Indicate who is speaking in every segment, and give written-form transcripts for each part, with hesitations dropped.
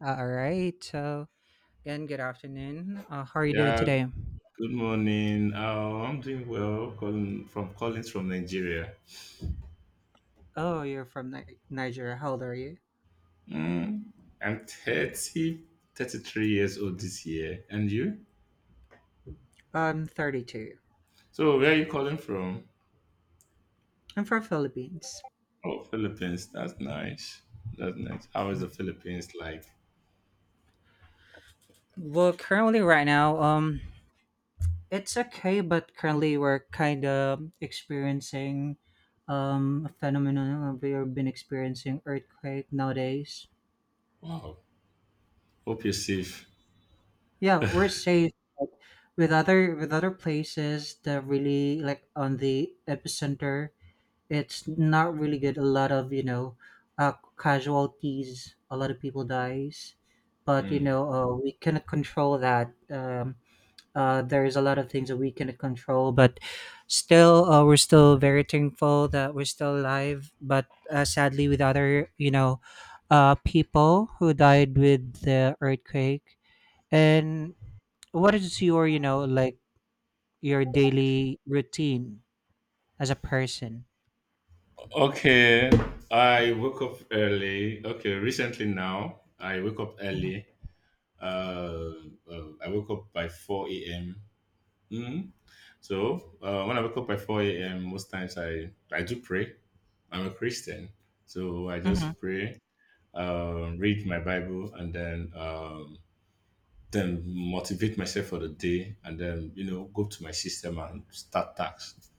Speaker 1: All right. So, again, good afternoon. How are you doing
Speaker 2: Yeah,
Speaker 1: today?
Speaker 2: good morning. I'm doing well. Calling from Collins from Nigeria.
Speaker 1: Oh, you're from Nigeria. How old are you?
Speaker 2: Mm, I'm 30, 33 years old this year. And you?
Speaker 1: I'm 32.
Speaker 2: So, where are you calling from?
Speaker 1: I'm from Philippines.
Speaker 2: Oh, Philippines. That's nice. That's nice. How is
Speaker 1: Mm.
Speaker 2: the Philippines like?
Speaker 1: Well, currently, right now, it's okay, but currently we're kind of experiencing a phenomenon. We've been experiencing earthquake nowadays.
Speaker 2: Wow. Hope you're safe.
Speaker 1: Yeah, we're safe, but with other places that really like on the epicenter, it's not really good. A lot of casualties. A lot of people dies, but
Speaker 2: Mm.
Speaker 1: we cannot control that. There is a lot of things that we cannot control, but still, we're still very thankful that we're still alive. But sadly, with other people who died with the earthquake. And what is your you know like your daily routine as a person?
Speaker 2: Okay, I woke up early. Okay, recently now I woke up early. Uh, I woke up by 4 a.m. So when I wake up at 4 a.m., most times I do pray. I'm a Christian. So I
Speaker 1: Mm-hmm.
Speaker 2: just pray, read my Bible, and then motivate myself for the day, and then go to my system and start tasks.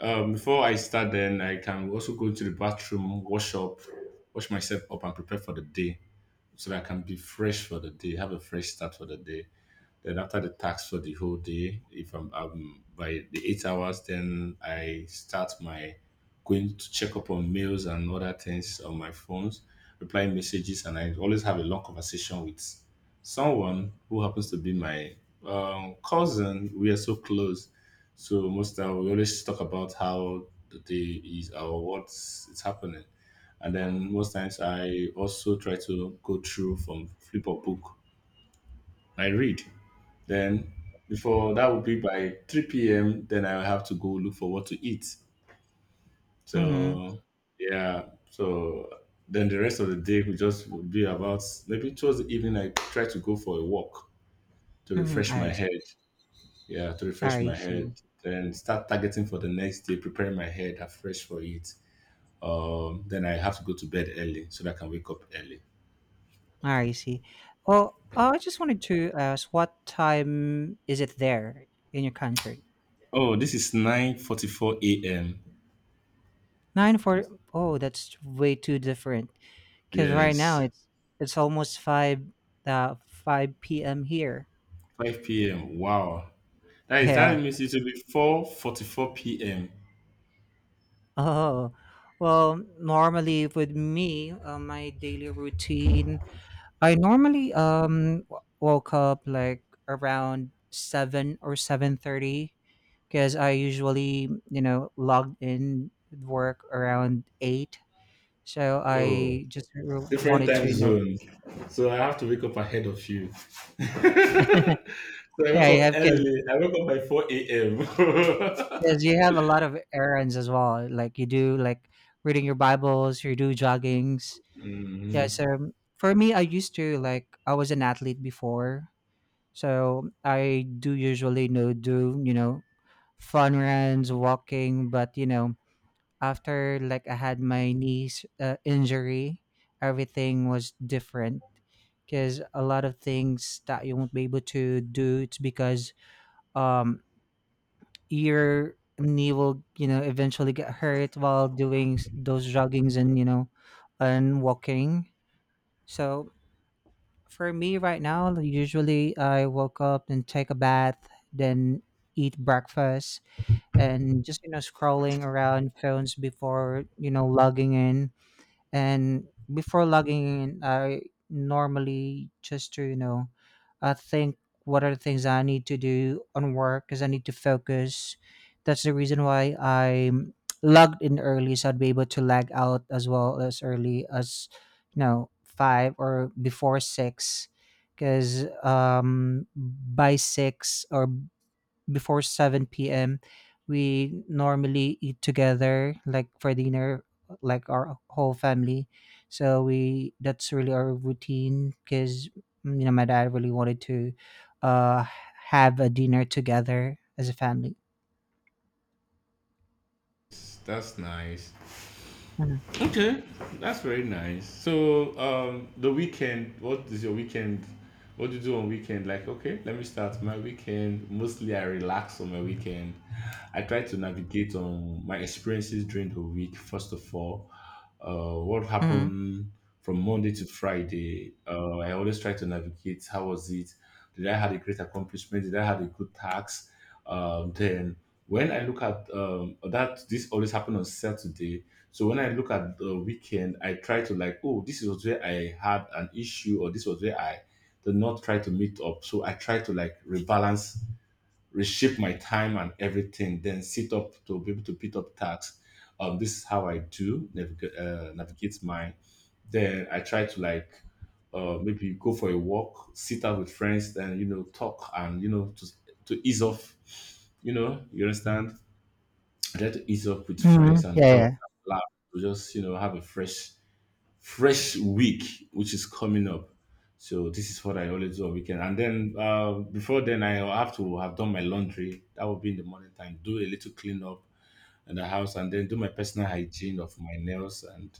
Speaker 2: Before I start, then I can also go to the bathroom, wash up, wash myself up, and prepare for the day, so that I can be fresh for the day, have a fresh start for the day. Then after the task for the whole day, if I'm by the 8 hours, then I start my going to check up on mails and other things on my phones, reply messages, and I always have a long conversation with someone who happens to be my cousin. We are so close, so most time we always talk about how the day is or what's it's happening. And then most times I also try to go through from flip or book I read. Then before that would be by 3 p.m. Then I have to go look for what to eat.
Speaker 1: Mm-hmm.
Speaker 2: So yeah, so then the rest of the day will just be about maybe towards the evening I try to go for a walk to
Speaker 1: Mhm,
Speaker 2: refresh my
Speaker 1: I see.
Speaker 2: head. Yeah, to refresh
Speaker 1: I
Speaker 2: my head.
Speaker 1: see.
Speaker 2: Then start targeting for the next day, preparing my head afresh for it. Then I have to go to bed early so that I can wake up early.
Speaker 1: I see. Well, I just wanted to ask, what time is it there in your country?
Speaker 2: Oh, this is 9:44 a.m.
Speaker 1: Nine for oh, that's way too different. Because right now
Speaker 2: Yes.
Speaker 1: it's almost five five p.m. here.
Speaker 2: 5 p.m. Wow. That
Speaker 1: Yeah.
Speaker 2: means it will be 4:44 p.m.
Speaker 1: Oh, well, normally with me, my daily routine, I normally woke up like around 7 or 7:30 because I usually, you know, logged in with work around eight. So
Speaker 2: Oh,
Speaker 1: I just
Speaker 2: different
Speaker 1: wanted
Speaker 2: time
Speaker 1: to, you know.
Speaker 2: zone. So I have to wake up ahead of you. So I woke
Speaker 1: Yeah, you
Speaker 2: up
Speaker 1: have kids
Speaker 2: early. I woke up by 4 a.m.
Speaker 1: because you have a lot of errands as well. Like you do, like reading your Bibles, you do joggings. Yeah.
Speaker 2: Mhm.
Speaker 1: So for me, I used to like I was an athlete before, so I do usually do fun runs, walking, but after like I had my knees injury, everything was different because a lot of things that you won't be able to do it's because um your knee will eventually get hurt while doing those joggings and and walking. So for me right now, usually I woke up and take a bath, then eat breakfast and just scrolling around phones before logging in. And before logging in, I normally just to, you know, I think what are the things I need to do on work because I need to focus. That's the reason why I logged in early, so I'd be able to lag out as well as early as, you know, five or before six. Because by six or before 7 p.m. we normally eat together, like for dinner, like our whole family. So we that's really our routine because my dad really wanted to uh have a dinner together as a family.
Speaker 2: That's nice.
Speaker 1: Mm-hmm.
Speaker 2: Okay, that's very nice. So, the weekend, what is your weekend? What do you do on weekend? Like, okay, let me start my weekend. Mostly, I relax on my weekend. I try to navigate on my experiences during the week. First of all, what happened from Monday to Friday? I always try to navigate. How was it? Did I have a great accomplishment? Did I have a good task? Then when I look at that, this always happened on Saturday so when I look at the weekend, I try to like, oh, this was where I had an issue, or this was where I did not try to meet up. So I try to like rebalance, reshape my time and everything, then sit up to be able to pick up tasks. This is how I do navigate mine. Then I try to like maybe go for a walk, sit out with friends, then talk and to ease off. You know, you understand. Try to ease up with
Speaker 1: Hmm,
Speaker 2: friends and
Speaker 1: yeah,
Speaker 2: talk
Speaker 1: yeah.
Speaker 2: and laugh to just, have a fresh, fresh week which is coming up. So this is what I always do on weekend. And then before then, I have to have done my laundry. That will be in the morning time. Do a little clean up in the house, and then do my personal hygiene of my nails and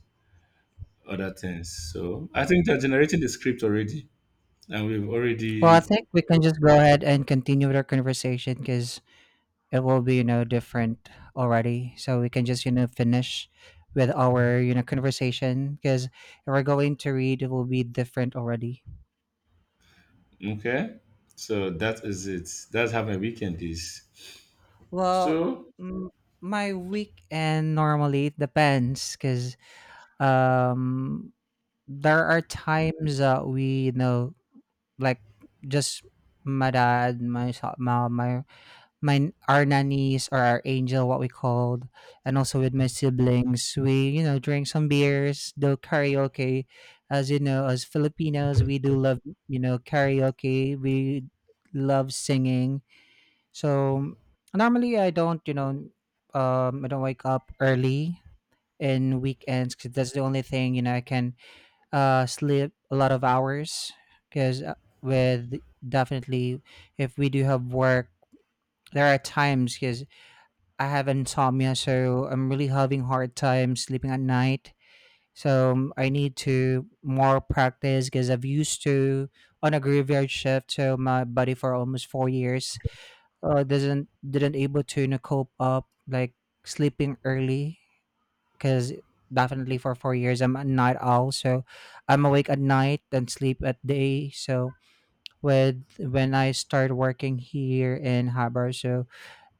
Speaker 2: other things. So I think they're generating the script already, and we've
Speaker 1: Well, I
Speaker 2: already.
Speaker 1: think we can just go ahead and continue with our conversation because it will be different already, so we can just finish with our conversation, because if we're going to read it will be different already.
Speaker 2: Okay. So that is it. That's how my weekend is.
Speaker 1: Well,
Speaker 2: So
Speaker 1: m- my weekend normally it depends because um there are times that we like just my dad, myself, my, our nannies or our angel, what we called, and also with my siblings, we drink some beers, do karaoke. As you know, as Filipinos, we do love karaoke. We love singing. So normally, I don't I don't wake up early in weekends because that's the only thing I can sleep a lot of hours. Because with, definitely, if we do have work, there are times because I have insomnia, so I'm really having hard time sleeping at night. So I need to more practice because I've used to on a graveyard shift, so my body for almost 4 years doesn't didn't able to, you know, cope up like sleeping early, because definitely for 4 years I'm a night owl, so I'm awake at night and sleep at day. So with when I started working here in Habar, so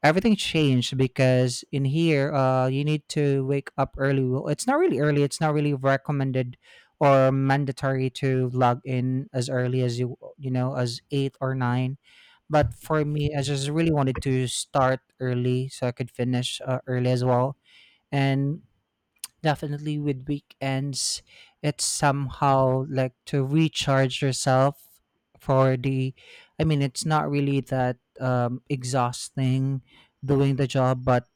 Speaker 1: everything changed because in here you need to wake up early. Well, it's not really early, it's not really recommended or mandatory to log in as early as you know as 8 or 9, but for me I just really wanted to start early so I could finish early as well. And definitely with weekends, it's somehow like to recharge yourself for the, I mean, it's not really that exhausting doing the job, but,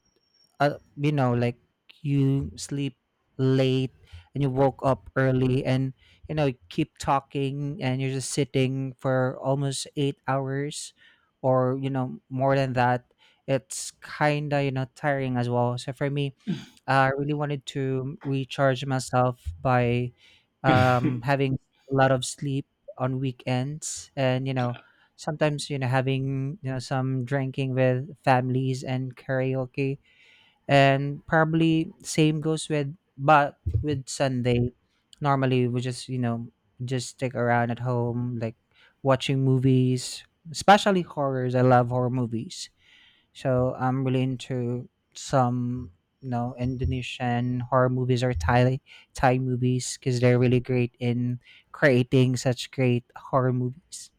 Speaker 1: you know, like you sleep late and you woke up early and, you know, you keep talking and you're just sitting for almost 8 hours or, you know, more than that. It's kind of, you know, tiring as well. So for me, I really wanted to recharge myself by having a lot of sleep on weekends, and you know, sometimes having some drinking with families and karaoke, and probably same goes with but with Sunday. Normally, we just just stick around at home, like watching movies, especially horrors. I love horror movies, so I'm really into some, you know, Indonesian horror movies or Thai movies because they're really great in creating such great horror movies.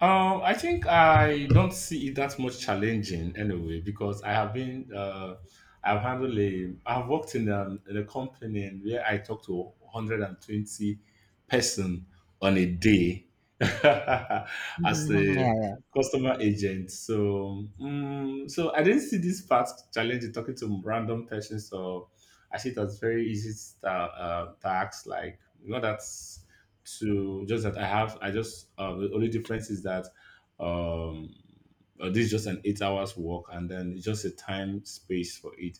Speaker 2: I think I don't see it that much challenging anyway because I've worked in a company where I talk to 120 person on a day as
Speaker 1: Mhm, mhm, yeah,
Speaker 2: a
Speaker 1: yeah.
Speaker 2: customer agent. So I didn't see this part challenging talking to random persons. So I see it as very easy tasks like that's to just that I just the only difference is that um this is just an 8 hours walk and then it's just a time space for it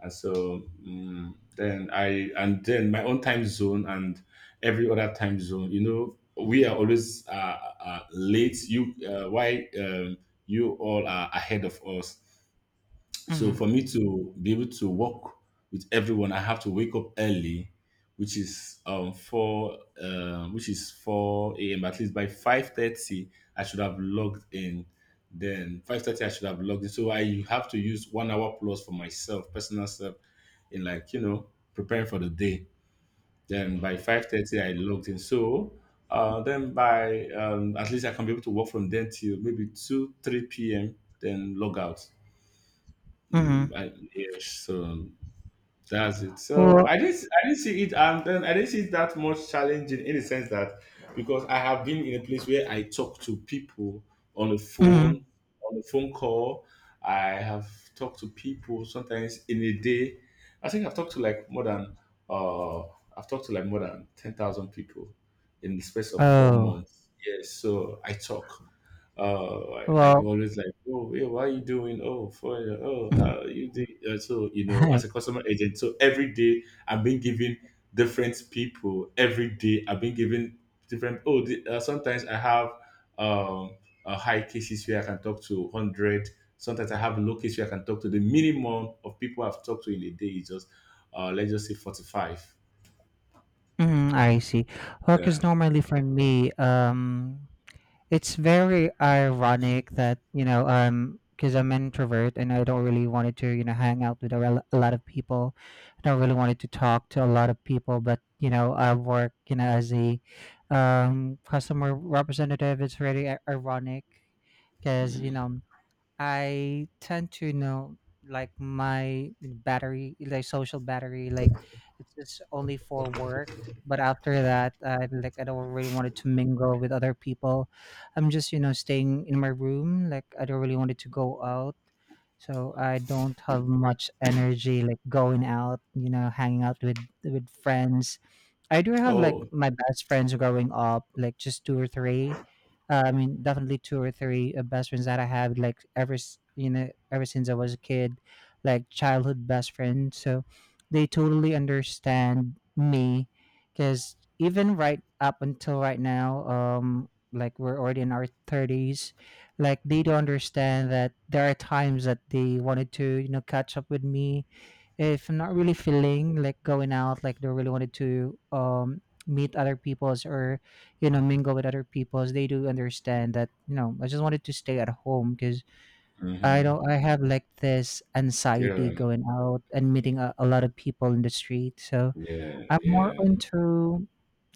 Speaker 2: and so then I and then my own time zone and every other time zone we are always late you all are ahead of us so
Speaker 1: Hmm.
Speaker 2: for me to be able to work with everyone, I have to wake up early, which is 4 a.m. At least by 5:30, I should have logged in. Then 5:30, I should have logged in. So I have to use 1 hour plus for myself, personal self, in preparing for the day. Then by 5:30, I logged in. So then by at least I can be able to work from then till maybe two three p.m. Then log out.
Speaker 1: Hmm.
Speaker 2: Yes, so that's it. So
Speaker 1: Well,
Speaker 2: I didn't see it, and then I didn't see it that much challenging in the sense that because I have been in a place where I talk to people on the
Speaker 1: mhm.
Speaker 2: phone, on the phone call. I have talked to people sometimes in a day. I think uh, I've talked to like more than 10,000 people in the space of four
Speaker 1: Oh,
Speaker 2: months. Yes, so I talk. I
Speaker 1: well.
Speaker 2: always like, oh, yeah, what are you doing? Oh, for oh, how you did? So as a customer agent, so every day I've been giving different people. Every day I've been giving different. Oh, sometimes I have um a high cases where I can talk to 100. Sometimes I have low cases where I can talk to the minimum of people I've talked to in a day is just let's just say 45.
Speaker 1: Mhm, I see. Well,
Speaker 2: Yeah.
Speaker 1: because normally for me, it's very ironic that because I'm an introvert and I don't really wanted to hang out with a lot of people. I don't really wanted to talk to a lot of people, but you know I work you know as a customer representative. It's really ironic because I tend to like my battery, like social battery, like it's just only for work. But after that, I like I don't really wanted to mingle with other people. I'm just staying in my room. Like I don't really wanted to go out, so I don't have much energy like going out. You know, hanging out with friends. I do have like
Speaker 2: Oh.
Speaker 1: my best friends growing up, like just two or three. I mean, definitely two or three best friends that I have, like ever you know, ever since I was a kid, like childhood best friend. So they totally understand me, because even right up until right now, like we're already in our thirties, like they do understand that there are times that they wanted to, you know, catch up with me if I'm not really feeling like going out, like they really wanted to meet other peoples or mingle with other peoples. They do understand that I just wanted to stay at home because I
Speaker 2: Mm-hmm.
Speaker 1: don't I have like this anxiety
Speaker 2: Yeah.
Speaker 1: going out and meeting a lot of people in the street. So
Speaker 2: Yeah.
Speaker 1: I'm more
Speaker 2: Yeah.
Speaker 1: into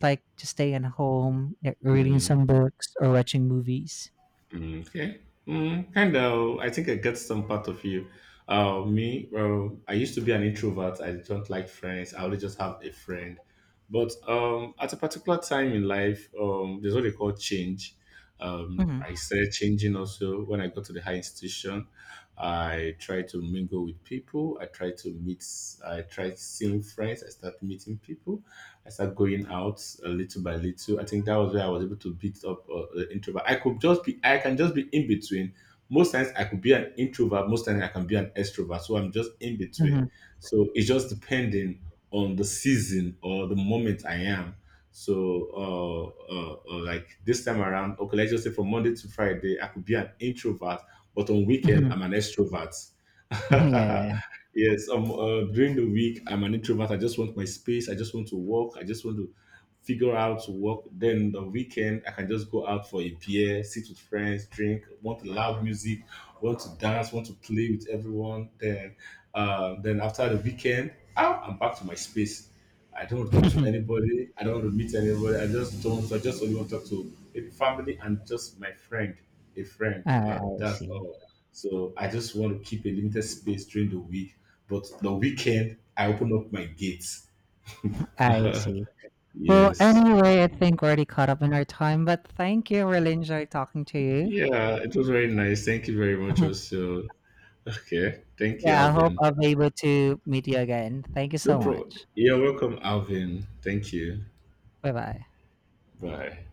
Speaker 1: like to stay at home, like, reading
Speaker 2: Mhm.
Speaker 1: some books or watching movies.
Speaker 2: Mm, okay. Kind of. I think I get some part of you. Me, well, I used to be an introvert. I don't like friends. I only just have a friend. But at a particular time in life, there's what they call change.
Speaker 1: Mm-hmm.
Speaker 2: I started changing also when I got to the high institution. I tried to mingle with people. I tried to meet. I tried seeing friends. I started meeting people. I started going out a little by little. I think that was where I was able to beat up the introvert. I could just be, I can just be in between. Most times I could be an introvert, most times I can be an extrovert. So I'm just in between. So it's just depending on the season or the moment I am. So, like this time around, okay, let's just say from Monday to Friday, I could be an introvert, but on weekend,
Speaker 1: Mm-hmm.
Speaker 2: I'm an extrovert.
Speaker 1: Yeah, yeah.
Speaker 2: Yes, during the week, I'm an introvert. I just want my space. I just want to walk. I just want to figure out to work. Then the weekend, I can just go out for a beer, sit with friends, drink, want loud music, want to dance, want to play with everyone. Then, after the weekend, ah, I'm back to my space. I don't want to talk to anybody. I don't want to meet anybody. I just don't. I just only want to talk to maybe family and just my friend, a friend.
Speaker 1: I
Speaker 2: That's
Speaker 1: see.
Speaker 2: all. So I just want to keep a limited space during the week. But the weekend, I open up my gates.
Speaker 1: I see. Well,
Speaker 2: Yes.
Speaker 1: anyway, I think we're already caught up in our time, but thank you. Really enjoyed talking to you.
Speaker 2: Yeah, it was very nice. Thank you very much, also. Okay. Thank you,
Speaker 1: Yeah, I hope
Speaker 2: Alvin.
Speaker 1: I'll be able to meet you again. Thank you
Speaker 2: No
Speaker 1: so
Speaker 2: problem.
Speaker 1: much.
Speaker 2: You're welcome, Alvin. Thank you.
Speaker 1: Bye bye.
Speaker 2: Bye.